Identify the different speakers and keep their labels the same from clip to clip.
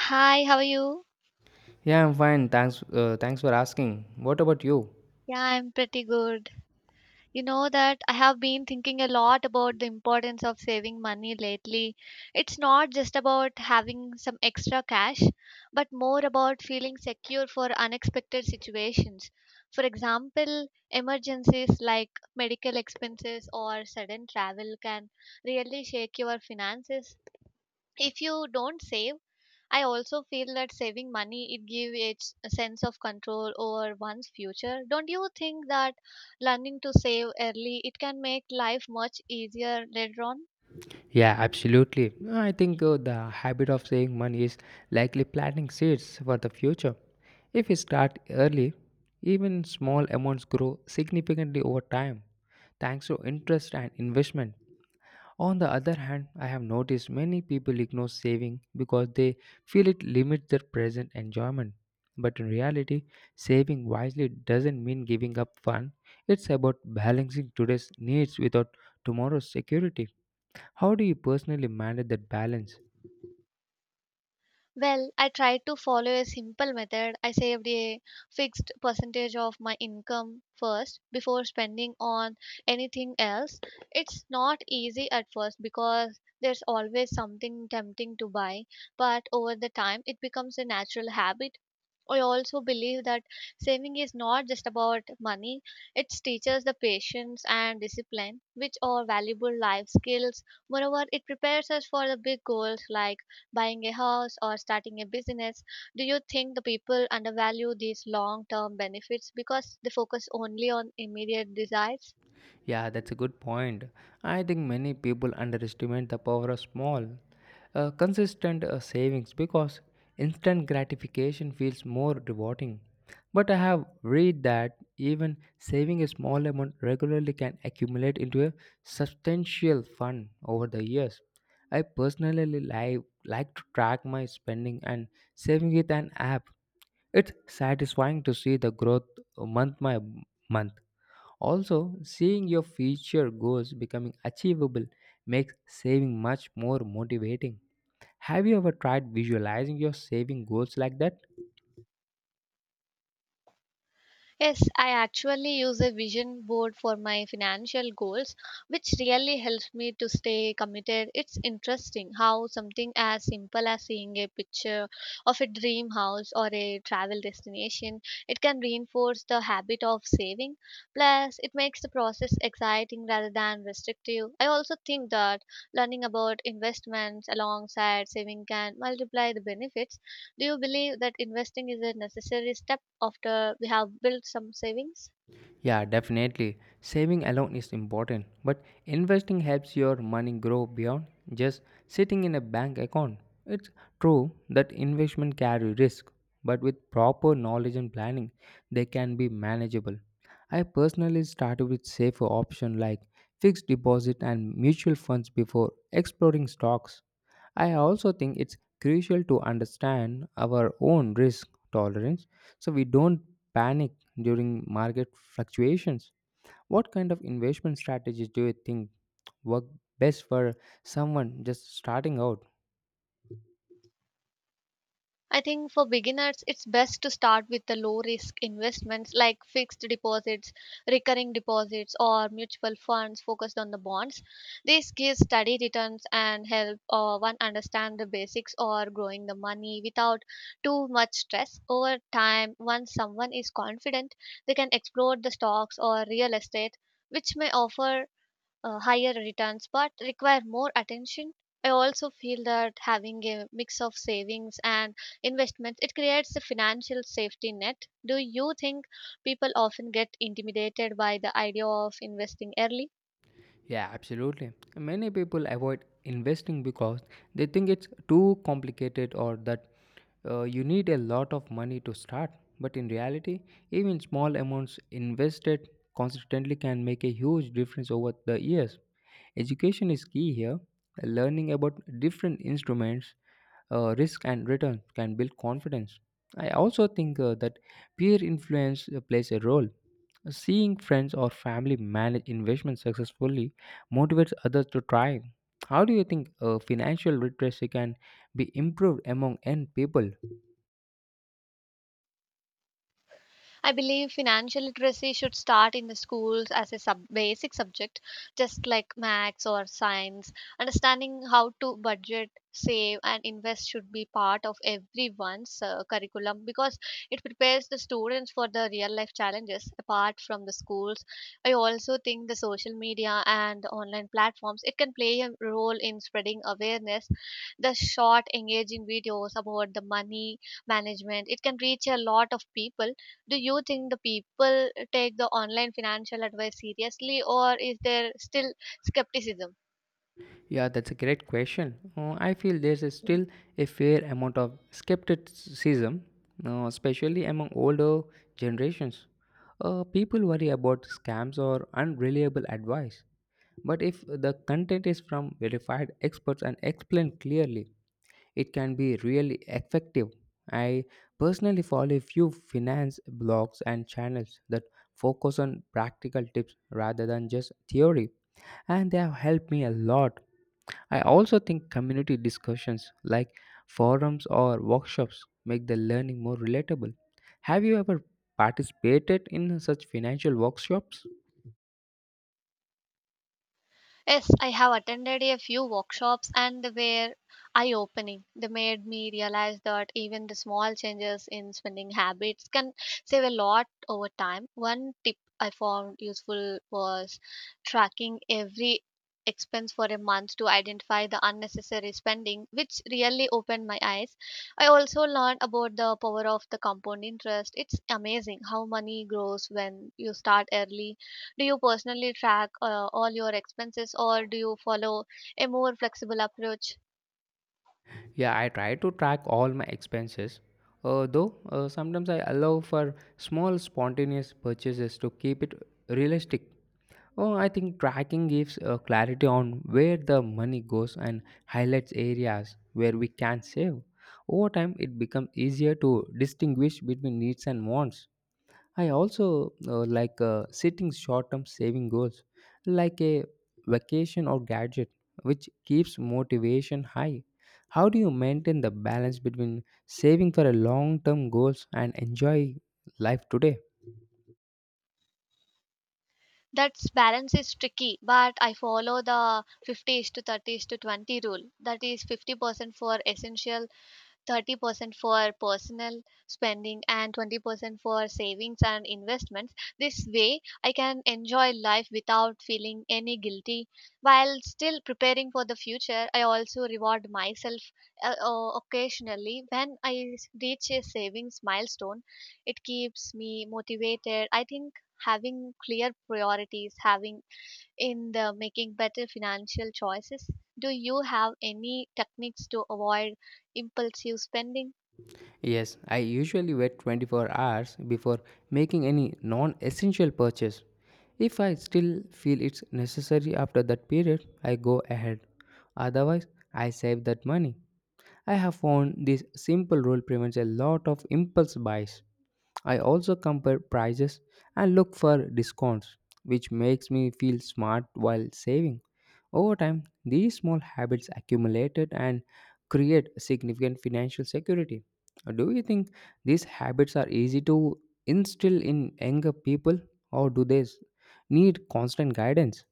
Speaker 1: Hi, how are you?
Speaker 2: Yeah, I'm fine. Thanks. Thanks for asking. What about you?
Speaker 1: Yeah, I'm pretty good. You know that I have been thinking a lot about the importance of saving money lately. It's not just about having some extra cash, but more about feeling secure for unexpected situations. For example, emergencies like medical expenses or sudden travel can really shake your finances. If you don't save, I also feel that saving money, it gives it a sense of control over one's future. Don't you think that learning to save early, it can make life much easier later on?
Speaker 2: Yeah, absolutely. I think the habit of saving money is likely planting seeds for the future. If we start early, even small amounts grow significantly over time, thanks to interest and investment. On the other hand, I have noticed many people ignore saving because they feel it limits their present enjoyment. But in reality, saving wisely doesn't mean giving up fun. It's about balancing today's needs without tomorrow's security. How do you personally manage that balance?
Speaker 1: Well, I tried to follow a simple method. I saved a fixed percentage of my income first before spending on anything else. It's not easy at first because there's always something tempting to buy, but over the time it becomes a natural habit. I also believe that saving is not just about money, it teaches the patience and discipline, which are valuable life skills. Moreover, it prepares us for the big goals like buying a house or starting a business. Do you think the people undervalue these long term benefits because they focus only on immediate desires?
Speaker 2: Yeah, that's a good point. I think many people underestimate the power of small, consistent savings because instant gratification feels more rewarding. But I have read that even saving a small amount regularly can accumulate into a substantial fund over the years. I personally like to track my spending and saving with an app. It's satisfying to see the growth month by month. Also, seeing your future goals becoming achievable makes saving much more motivating. Have you ever tried visualizing your saving goals like that?
Speaker 1: Yes, I actually use a vision board for my financial goals, which really helps me to stay committed. It's interesting how something as simple as seeing a picture of a dream house or a travel destination, it can reinforce the habit of saving. Plus, it makes the process exciting rather than restrictive. I also think that learning about investments alongside saving can multiply the benefits. Do you believe that investing is a necessary step after we have built some savings?
Speaker 2: Yeah, definitely. Saving alone is important, but investing helps your money grow beyond just sitting in a bank account. It's true that investment carry risk, but with proper knowledge and planning, they can be manageable. I personally started with safer options like fixed deposit and mutual funds before exploring stocks. I also think it's crucial to understand our own risk tolerance so we don't panic during market fluctuations. What kind of investment strategies do you think work best for someone just starting out?
Speaker 1: I think for beginners, it's best to start with the low risk investments like fixed deposits, recurring deposits, or mutual funds focused on the bonds. This gives steady returns and help one understand the basics or growing the money without too much stress. Over time, once someone is confident, they can explore the stocks or real estate, which may offer higher returns but require more attention. I also feel that having a mix of savings and investments, it creates a financial safety net. Do you think people often get intimidated by the idea of investing early?
Speaker 2: Yeah, absolutely. Many people avoid investing because they think it's too complicated or that you need a lot of money to start. But in reality, even small amounts invested consistently can make a huge difference over the years. Education is key here. Learning about different instruments, risk, and return can build confidence. I also think that peer influence plays a role. Seeing friends or family manage investments successfully motivates others to try. How do you think financial literacy can be improved among young people?
Speaker 1: I believe financial literacy should start in the schools as a basic subject, just like maths or science. Understanding how to budget, save, and invest should be part of everyone's curriculum because it prepares the students for the real life challenges apart from the schools. I also think the social media and online platforms, it can play a role in spreading awareness. The short, engaging videos about the money management, it can reach a lot of people. Do you think the people take the online financial advice seriously or is there still skepticism?
Speaker 2: Yeah, that's a great question. I feel there's a still a fair amount of skepticism, especially among older generations. People worry about scams or unreliable advice. But if the content is from verified experts and explained clearly, it can be really effective. I personally follow a few finance blogs and channels that focus on practical tips rather than just theory, and they have helped me a lot. I also think community discussions like forums or workshops make the learning more relatable. Have you ever participated in such financial workshops?
Speaker 1: Yes, I have attended a few workshops and they were eye opening. They made me realize that even the small changes in spending habits can save a lot over time. One tip I found useful was tracking every expense for a month to identify the unnecessary spending, which really opened my eyes. I also learned about the power of the compound interest. It's amazing how money grows when you start early. Do you personally track all your expenses or do you follow a more flexible approach?
Speaker 2: Yeah, I try to track all my expenses, though sometimes I allow for small spontaneous purchases to keep it realistic. Oh, I think tracking gives clarity on where the money goes and highlights areas where we can save. Over time, it becomes easier to distinguish between needs and wants. I also like setting short term saving goals like a vacation or gadget, which keeps motivation high. How do you maintain the balance between saving for a long term goals and enjoy life today?
Speaker 1: That balance is tricky, but I follow the 50 is to 30 is to 20 rule. That is, 50% for essential, 30% for personal spending, and 20% for savings and investments. This way, I can enjoy life without feeling any guilty while still preparing for the future. I also reward myself occasionally when reach a savings milestone. It keeps me motivated. I think having clear priorities, having in the making better financial choices? Do you have any techniques to avoid impulsive spending?
Speaker 2: Yes, I usually wait 24 hours before making any non essential purchase. If I still feel it's necessary after that period, I go ahead. Otherwise, I save that money. I have found this simple rule prevents a lot of impulse buys. I also compare prices and look for discounts, which makes me feel smart while saving. Over time, these small habits accumulated and create significant financial security. Do you think these habits are easy to instill in younger people, or do they need constant guidance?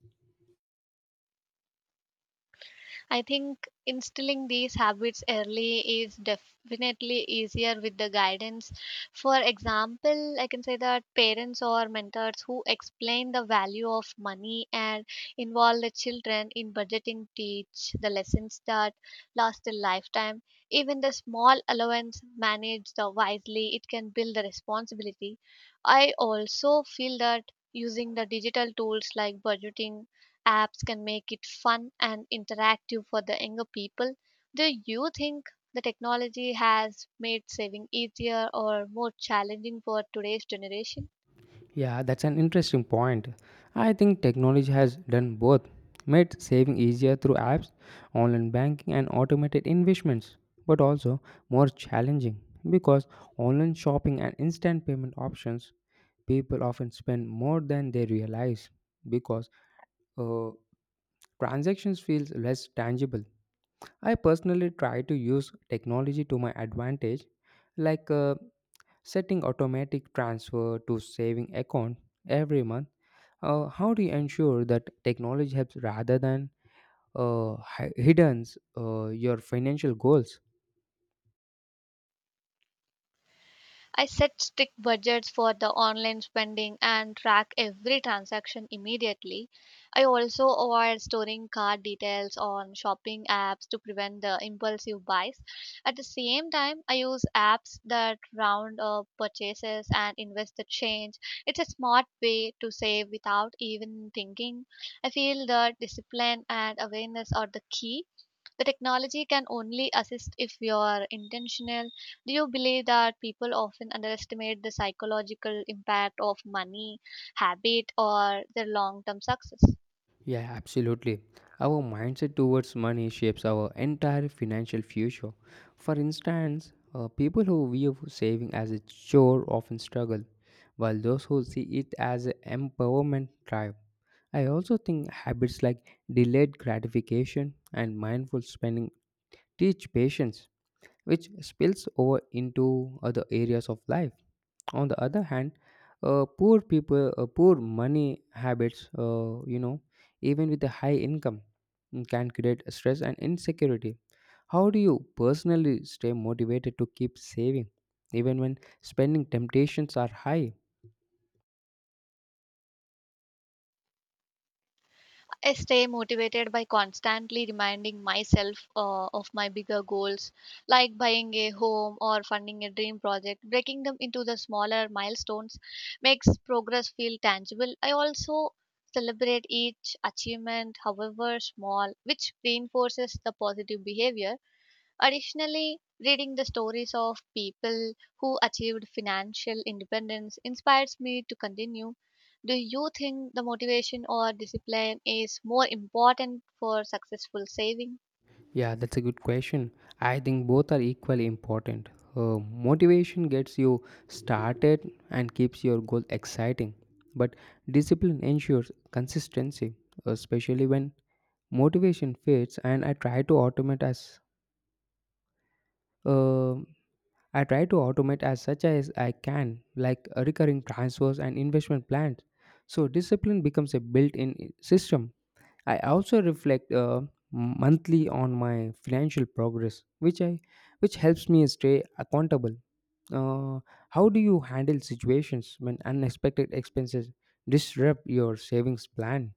Speaker 1: I think instilling these habits early is definitely easier with the guidance. For example, I can say that parents or mentors who explain the value of money and involve the children in budgeting teach the lessons that last a lifetime. Even the small allowance managed wisely, it can build the responsibility. I also feel that using the digital tools like budgeting apps can make it fun and interactive for the younger people. Do you think the technology has made saving easier or more challenging for today's generation?
Speaker 2: Yeah, that's an interesting point. I think technology has done both, made saving easier through apps, online banking, and automated investments, but also more challenging because online shopping and instant payment options people often spend more than they realize because uh, transactions feels less tangible. I personally try to use technology to my advantage, like setting automatic transfer to saving account every month. How do you ensure that technology helps rather than hidden your financial goals?
Speaker 1: I set strict budgets for the online spending and track every transaction immediately. I also avoid storing card details on shopping apps to prevent the impulsive buys. At the same time, I use apps that round up purchases and invest the change. It's a smart way to save without even thinking. I feel that discipline and awareness are the key. The technology can only assist if you are intentional. Do you believe that people often underestimate the psychological impact of money habit or their long term success?
Speaker 2: Yeah, absolutely. Our mindset towards money shapes our entire financial future. For instance, people who view saving as a chore often struggle, while those who see it as an empowerment thrive. I also think habits like delayed gratification and mindful spending teach patience which spills over into other areas of life. On the other hand, poor money habits, even with a high income, can create stress and insecurity. How do you personally stay motivated to keep saving, even when spending temptations are high?
Speaker 1: I stay motivated by constantly reminding myself of my bigger goals, like buying a home or funding a dream project. Breaking them into the smaller milestones makes progress feel tangible. I also celebrate each achievement, however small, which reinforces the positive behavior. Additionally, reading the stories of people who achieved financial independence inspires me to continue. Do you think the motivation or discipline is more important for successful saving?
Speaker 2: Yeah, that's a good question. I think both are equally important. Uh, Motivation gets you started and keeps your goal exciting, but discipline ensures consistency, especially when motivation fades. And uh, I try to automate as such as I can, like recurring transfers and investment plans. So discipline becomes a built-in system. I also reflect monthly on my financial progress, which helps me stay accountable. Uh, how do you handle situations when unexpected expenses disrupt your savings plan?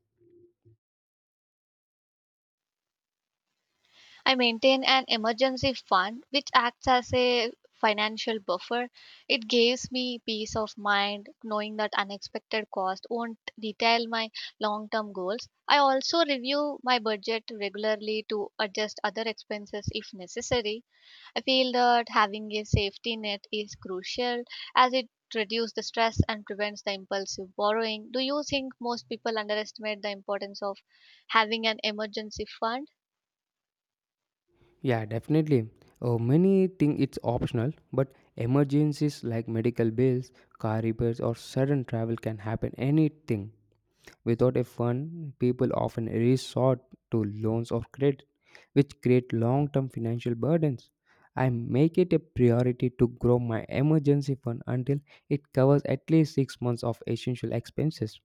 Speaker 1: I maintain an emergency fund which acts as a financial buffer. It gives me peace of mind knowing that unexpected cost won't detail my long term goals. I also review my budget regularly to adjust other expenses if necessary. I feel that having a safety net is crucial as it reduces the stress and prevents the impulsive borrowing. Do you think most people underestimate the importance of having an emergency fund?
Speaker 2: Yeah, definitely. Many think it's optional, but emergencies like medical bills, car repairs, or sudden travel can happen anything. Without a fund, people often resort to loans or credit which create long-term financial burdens. I make it a priority to grow my emergency fund until it covers at least 6 months of essential expenses.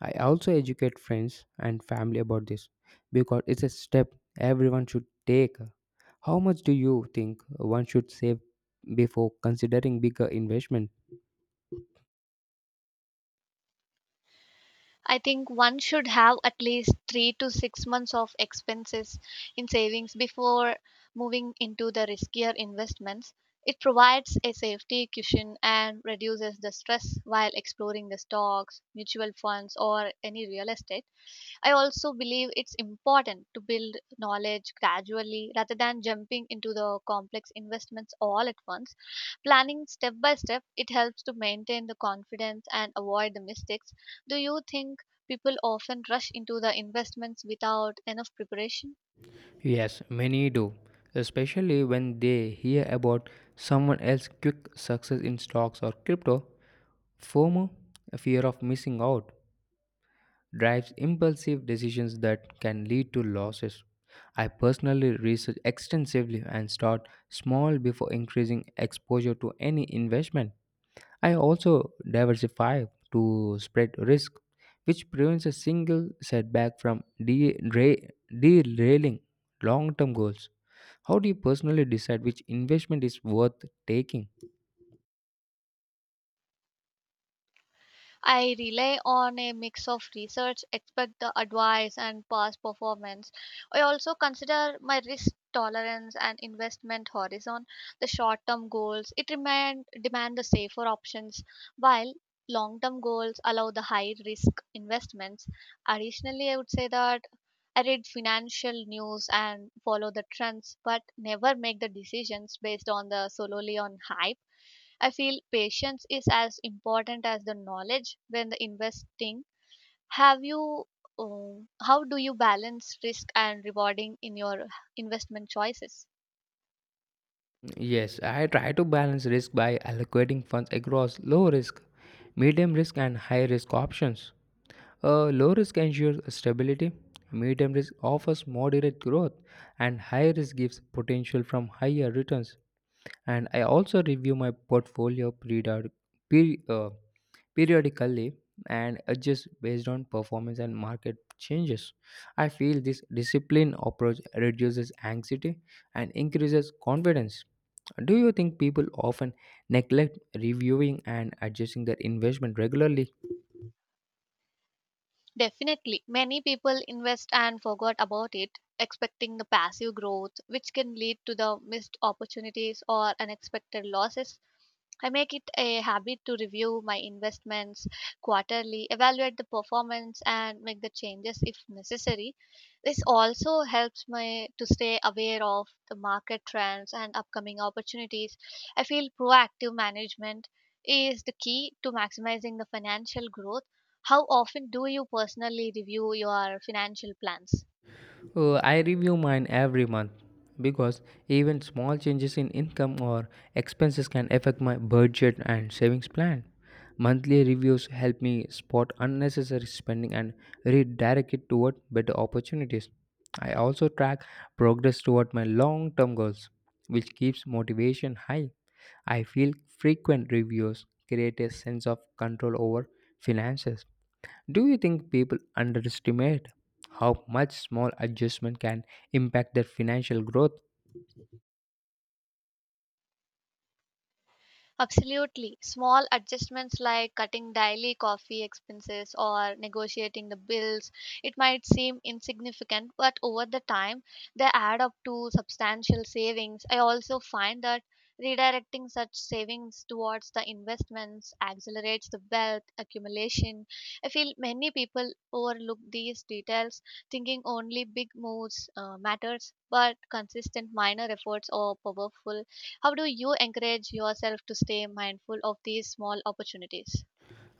Speaker 2: I also educate friends and family about this because it's a step everyone should take. How much do you think one should save before considering bigger investment?
Speaker 1: I think one should have at least 3 to 6 months of expenses in savings before moving into the riskier investments. It provides a safety cushion and reduces the stress while exploring the stocks, mutual funds, or any real estate. I also believe it's important to build knowledge gradually rather than jumping into the complex investments all at once. Planning step by step, it helps to maintain the confidence and avoid the mistakes. Do you think people often rush into the investments without enough preparation?
Speaker 2: Yes, many do, especially when they hear about someone else's quick success in stocks or crypto. FOMO, fear of missing out, drives impulsive decisions that can lead to losses. I personally research extensively and start small before increasing exposure to any investment. I also diversify to spread risk, which prevents a single setback from derailing long term goals. How do you personally decide which investment is worth taking?
Speaker 1: I rely on a mix of research, expect the advice, and past performance. I also consider my risk tolerance and investment horizon, the short term goals. It remain, demand the safer options, while long term goals allow the high risk investments. Additionally, I would say that I read financial news and follow the trends, but never make the decisions based on the solely on hype. I feel patience is as important as the knowledge when the investing. Have you, how do you balance risk and rewarding in your investment choices?
Speaker 2: Yes, I try to balance risk by allocating funds across low risk, medium risk, and high risk options. Low risk ensures stability, medium risk offers moderate growth, and high risk gives potential from higher returns. And I also review my portfolio peri- uh, periodically and adjust based on performance and market changes. I feel this disciplined approach reduces anxiety and increases confidence. Do you think people often neglect reviewing and adjusting their investment regularly?
Speaker 1: Definitely, many people invest and forgot about it, expecting the passive growth, which can lead to the missed opportunities or unexpected losses. I make it a habit to review my investments quarterly, evaluate the performance, and make the changes if necessary. This also helps me to stay aware of the market trends and upcoming opportunities. I feel proactive management is the key to maximizing the financial growth. How often do you personally review your financial plans?
Speaker 2: Oh, I review mine every month because even small changes in income or expenses can affect my budget and savings plan. Monthly reviews help me spot unnecessary spending and redirect it toward better opportunities. I also track progress toward my long term goals, which keeps motivation high. I feel frequent reviews create a sense of control over finances. Do you think people underestimate how much small adjustment can impact their financial growth?
Speaker 1: Absolutely. Small adjustments like cutting daily coffee expenses or negotiating the bills, it might seem insignificant, but over the time, they add up to substantial savings. I also find that redirecting such savings towards the investments accelerates the wealth accumulation. I feel many people overlook these details, thinking only big moves matters, but consistent minor efforts are powerful. How do you encourage yourself to stay mindful of these small opportunities?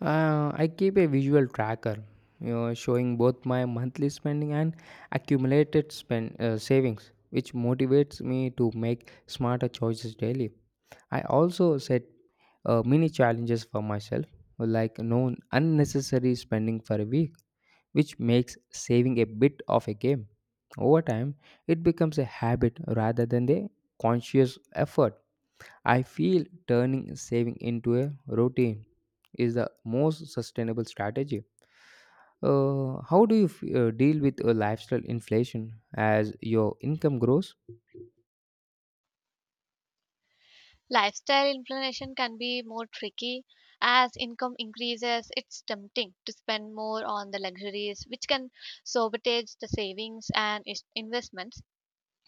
Speaker 2: I keep a visual tracker, you know, showing both my monthly spending and accumulated spend savings, which motivates me to make smarter choices daily. I also set mini challenges for myself, like no unnecessary spending for a week which makes saving a bit of a game. Over time, it becomes a habit rather than a conscious effort. I feel turning saving into a routine is the most sustainable strategy. How do you deal with a lifestyle inflation as your income grows?
Speaker 1: Lifestyle inflation can be more tricky. As income increases, it's tempting to spend more on the luxuries, which can sabotage the savings and investments.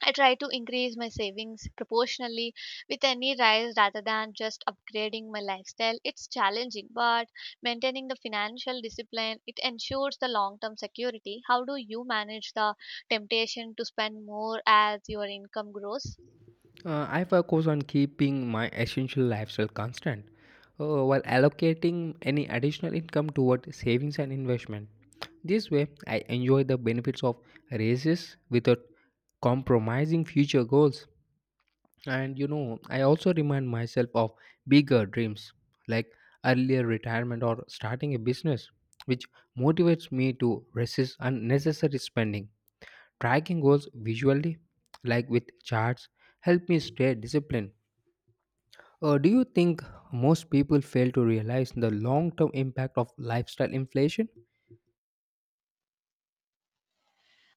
Speaker 1: I try to increase my savings proportionally with any rise rather than just upgrading my lifestyle. It's challenging, but maintaining the financial discipline, it ensures the long-term security. How do you manage the temptation to spend more as your income grows?
Speaker 2: I focus on keeping my essential lifestyle constant while allocating any additional income toward savings and investment. This way, I enjoy the benefits of raises without compromising future goals. And you know, I also remind myself of bigger dreams like earlier retirement or starting a business, which motivates me to resist unnecessary spending. Tracking goals visually, like with charts, help me stay disciplined. Do you think most people fail to realize the long term impact of lifestyle inflation?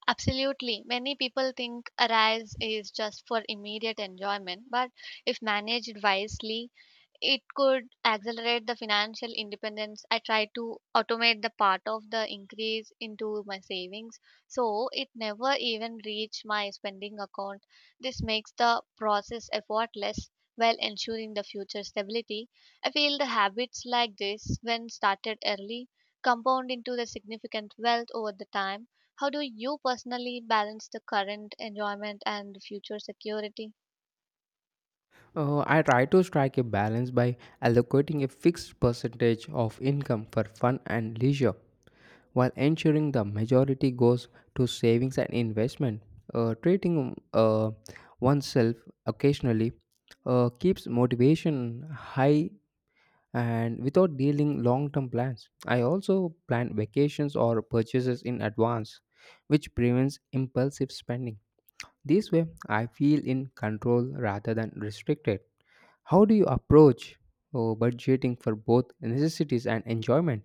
Speaker 1: Absolutely. Many people think Arise is just for immediate enjoyment, but if managed wisely, it could accelerate the financial independence. I try to automate the part of the increase into my savings so it never even reach my spending account. This makes the process effortless while ensuring the future stability. I feel the habits like this when started early compound into the significant wealth over the time. How do you personally balance the current enjoyment and the future security?
Speaker 2: I try to strike a balance by allocating a fixed percentage of income for fun and leisure while ensuring the majority goes to savings and investment. Treating oneself occasionally keeps motivation high and without dealing long term plans. I also plan vacations or purchases in advance, which prevents impulsive spending. This way, I feel in control rather than restricted. How do you approach budgeting for both necessities and enjoyment?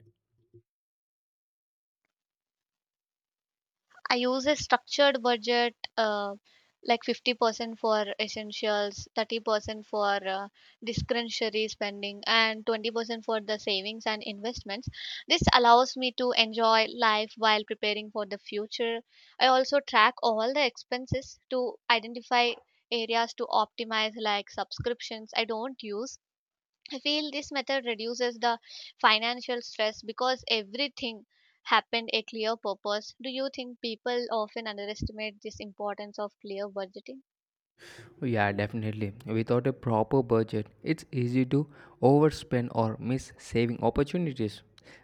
Speaker 1: I use a structured budget, like 50% for essentials, 30% for discretionary spending, and 20% for the savings and investments. This allows me to enjoy life while preparing for the future. I also track all the expenses to identify areas to optimize like subscriptions I don't use. I feel this method reduces the financial stress because everything happened a clear purpose. Do you think people often underestimate this importance of clear budgeting?
Speaker 2: Oh, yeah, definitely. Without a proper budget, it's easy to overspend or miss saving opportunities.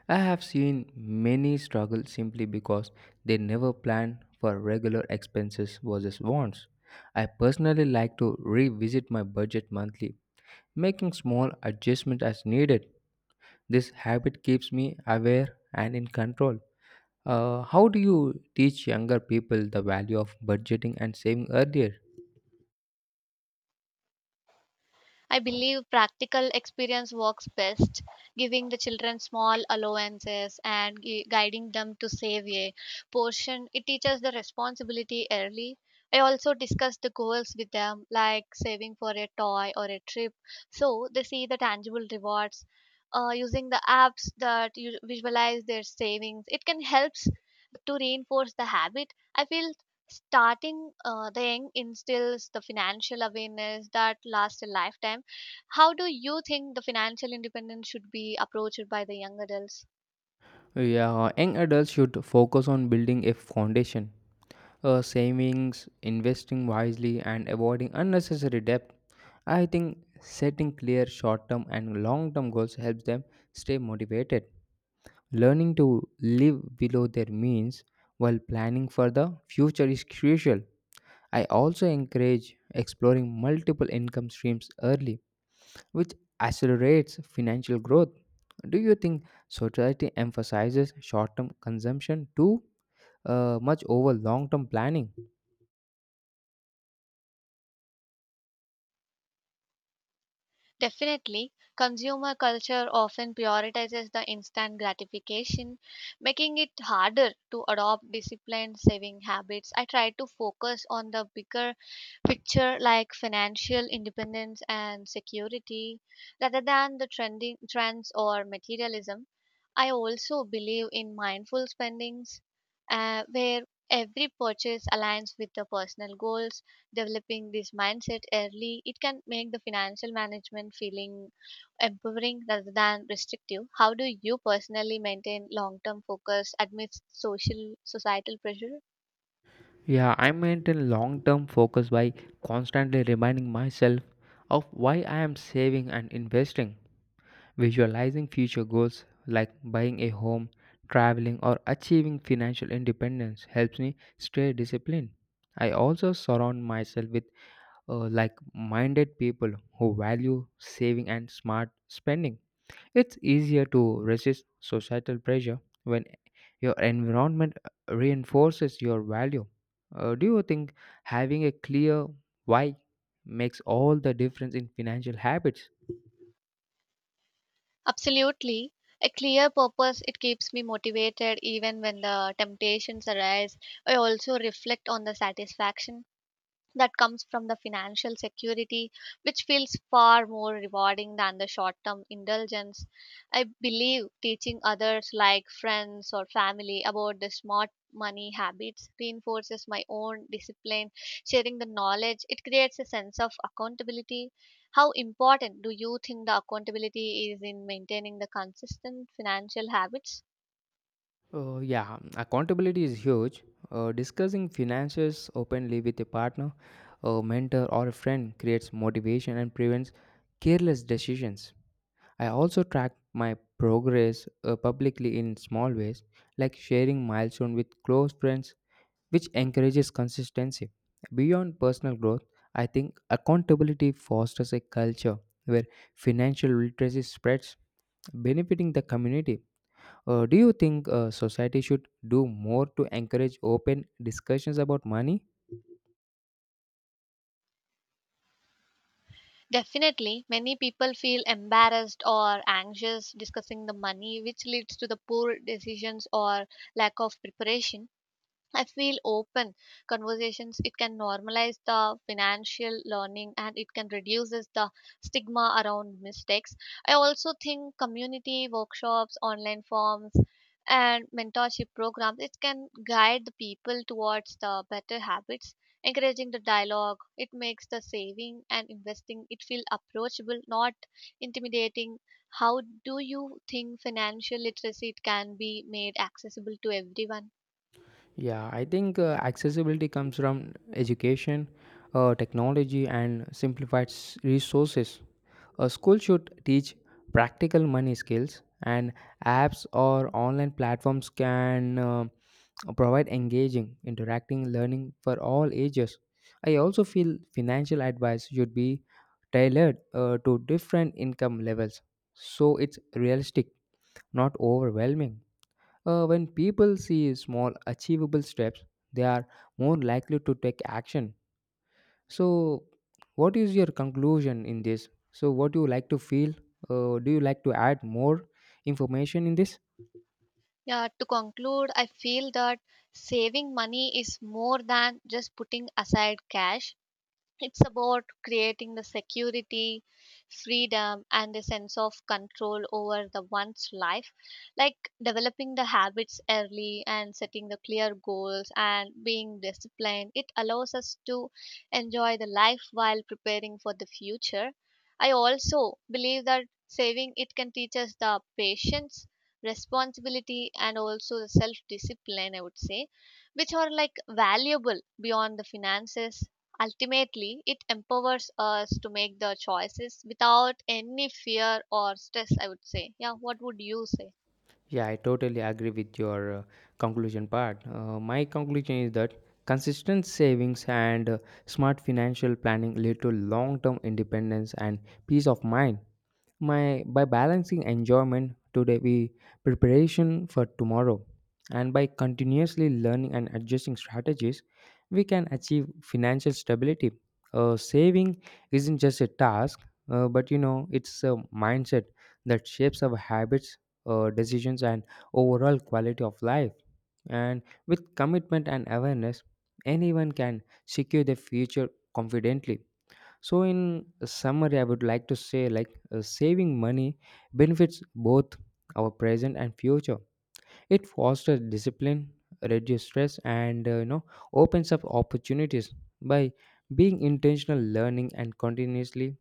Speaker 2: I have seen many struggle simply because they never plan for regular expenses versus wants. I personally like to revisit my budget monthly, making small adjustments as needed. This habit keeps me aware and in control. How do you teach younger people the value of budgeting and saving earlier?
Speaker 1: I believe practical experience works best, giving the children small allowances and guiding them to save a portion. It teaches the responsibility early. I also discuss the goals with them, like saving for a toy or a trip, so they see the tangible rewards. Using the apps that you visualize their savings, it can help to reinforce the habit. I feel starting the young instills the financial awareness that lasts a lifetime. How do you think the financial independence should be approached by the young adults?
Speaker 2: Yeah, young adults should focus on building a foundation, savings, investing wisely, and avoiding unnecessary debt. I think setting clear short term and long term goals helps them stay motivated. Learning to live below their means while planning for the future is crucial. I also encourage exploring multiple income streams early which accelerates financial growth. Do you think society emphasizes short term consumption too much over long term planning?
Speaker 1: Definitely, consumer culture often prioritizes the instant gratification, making it harder to adopt disciplined saving habits. I try to focus on the bigger picture like financial independence and security rather than the trending trends or materialism. I also believe in mindful spendings where every purchase aligns with the personal goals. Developing this mindset early, it can make the financial management feeling empowering rather than restrictive. How do you personally maintain long term focus amidst social societal pressure?
Speaker 2: Yeah, I maintain long term focus by constantly reminding myself of why I am saving and investing, visualizing future goals like buying a home, traveling, or achieving financial independence helps me stay disciplined. I also surround myself with like minded people who value saving and smart spending. It's easier to resist societal pressure when your environment reinforces your value. Do you think having a clear why makes all the difference in financial habits?
Speaker 1: Absolutely. A clear purpose, it keeps me motivated even when the temptations arise. I also reflect on the satisfaction that comes from the financial security, which feels far more rewarding than the short term indulgence. I believe teaching others, like friends or family, about the smart money habits reinforces my own discipline. Sharing the knowledge, it creates a sense of accountability. How important do you think the accountability is in maintaining the consistent financial habits?
Speaker 2: Yeah, accountability is huge. Discussing finances openly with a partner, a mentor, or a friend creates motivation and prevents careless decisions. I also track my progress publicly in small ways, like sharing milestones with close friends, which encourages consistency. Beyond personal growth, I think accountability fosters a culture where financial literacy spreads, benefiting the community. Do you think society should do more to encourage open discussions about money?
Speaker 1: Definitely, many people feel embarrassed or anxious discussing the money, which leads to the poor decisions or lack of preparation. I feel open conversations. It can normalize the financial learning and it can reduces the stigma around mistakes. I also think community workshops, online forms, and mentorship programs. It can guide the people towards the better habits. Encouraging the dialogue, it makes the saving and investing it feel approachable, not intimidating. How do you think financial literacy it can be made accessible to everyone?
Speaker 2: Yeah, I think accessibility comes from education, technology, and simplified resources. A school should teach practical money skills, and apps or online platforms can provide engaging, interacting learning for all ages. I also feel financial advice should be tailored to different income levels so it's realistic, not overwhelming. When people see small, achievable steps, they are more likely to take action. So, what is your conclusion in this? So, what do you like to feel? Do you like to add more information in this?
Speaker 1: Yeah, to conclude, I feel that saving money is more than just putting aside cash. It's about creating the security, freedom, and a sense of control over the one's life, like developing the habits early and setting the clear goals and being disciplined. It allows us to enjoy the life while preparing for the future. I also believe that saving, it can teach us the patience, responsibility, and also the self discipline, I would say, which are like valuable beyond the finances. Ultimately, it empowers us to make the choices without any fear or stress, I would say. Yeah, what would you say?
Speaker 2: Yeah, I totally agree with your conclusion part. My conclusion is that consistent savings and smart financial planning lead to long-term independence and peace of mind. My by balancing enjoyment today with preparation for tomorrow, and by continuously learning and adjusting strategies, we can achieve financial stability. Saving isn't just a task, but you know it's a mindset that shapes our habits, decisions and overall quality of life. And with commitment and awareness, anyone can secure their future confidently. So, in summary, I would like to say like saving money benefits both our present and future. It fosters discipline, reduces stress, and you know opens up opportunities by being intentional learning and continuously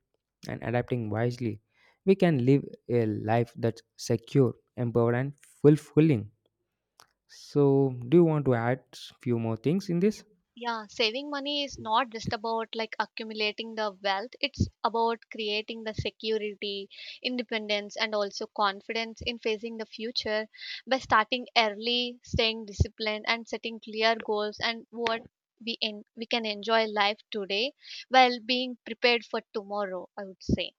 Speaker 2: and adapting wisely, we can live a life that's secure, empowered, and fulfilling. So, do you want to add few more things in this?
Speaker 1: Yeah, saving money is not just about like accumulating the wealth, it's about creating the security, independence, and also confidence in facing the future by starting early, staying disciplined, and setting clear goals and what we can enjoy life today while being prepared for tomorrow, I would say.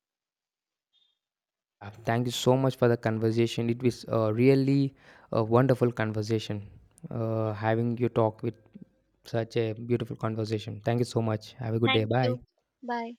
Speaker 2: Thank you so much for the conversation. It was really a wonderful conversation.
Speaker 1: Yeah,
Speaker 2: Having you talk with such a beautiful conversation. Thank you so much. Have a good day.
Speaker 1: thank
Speaker 2: Bye.
Speaker 1: you. Bye.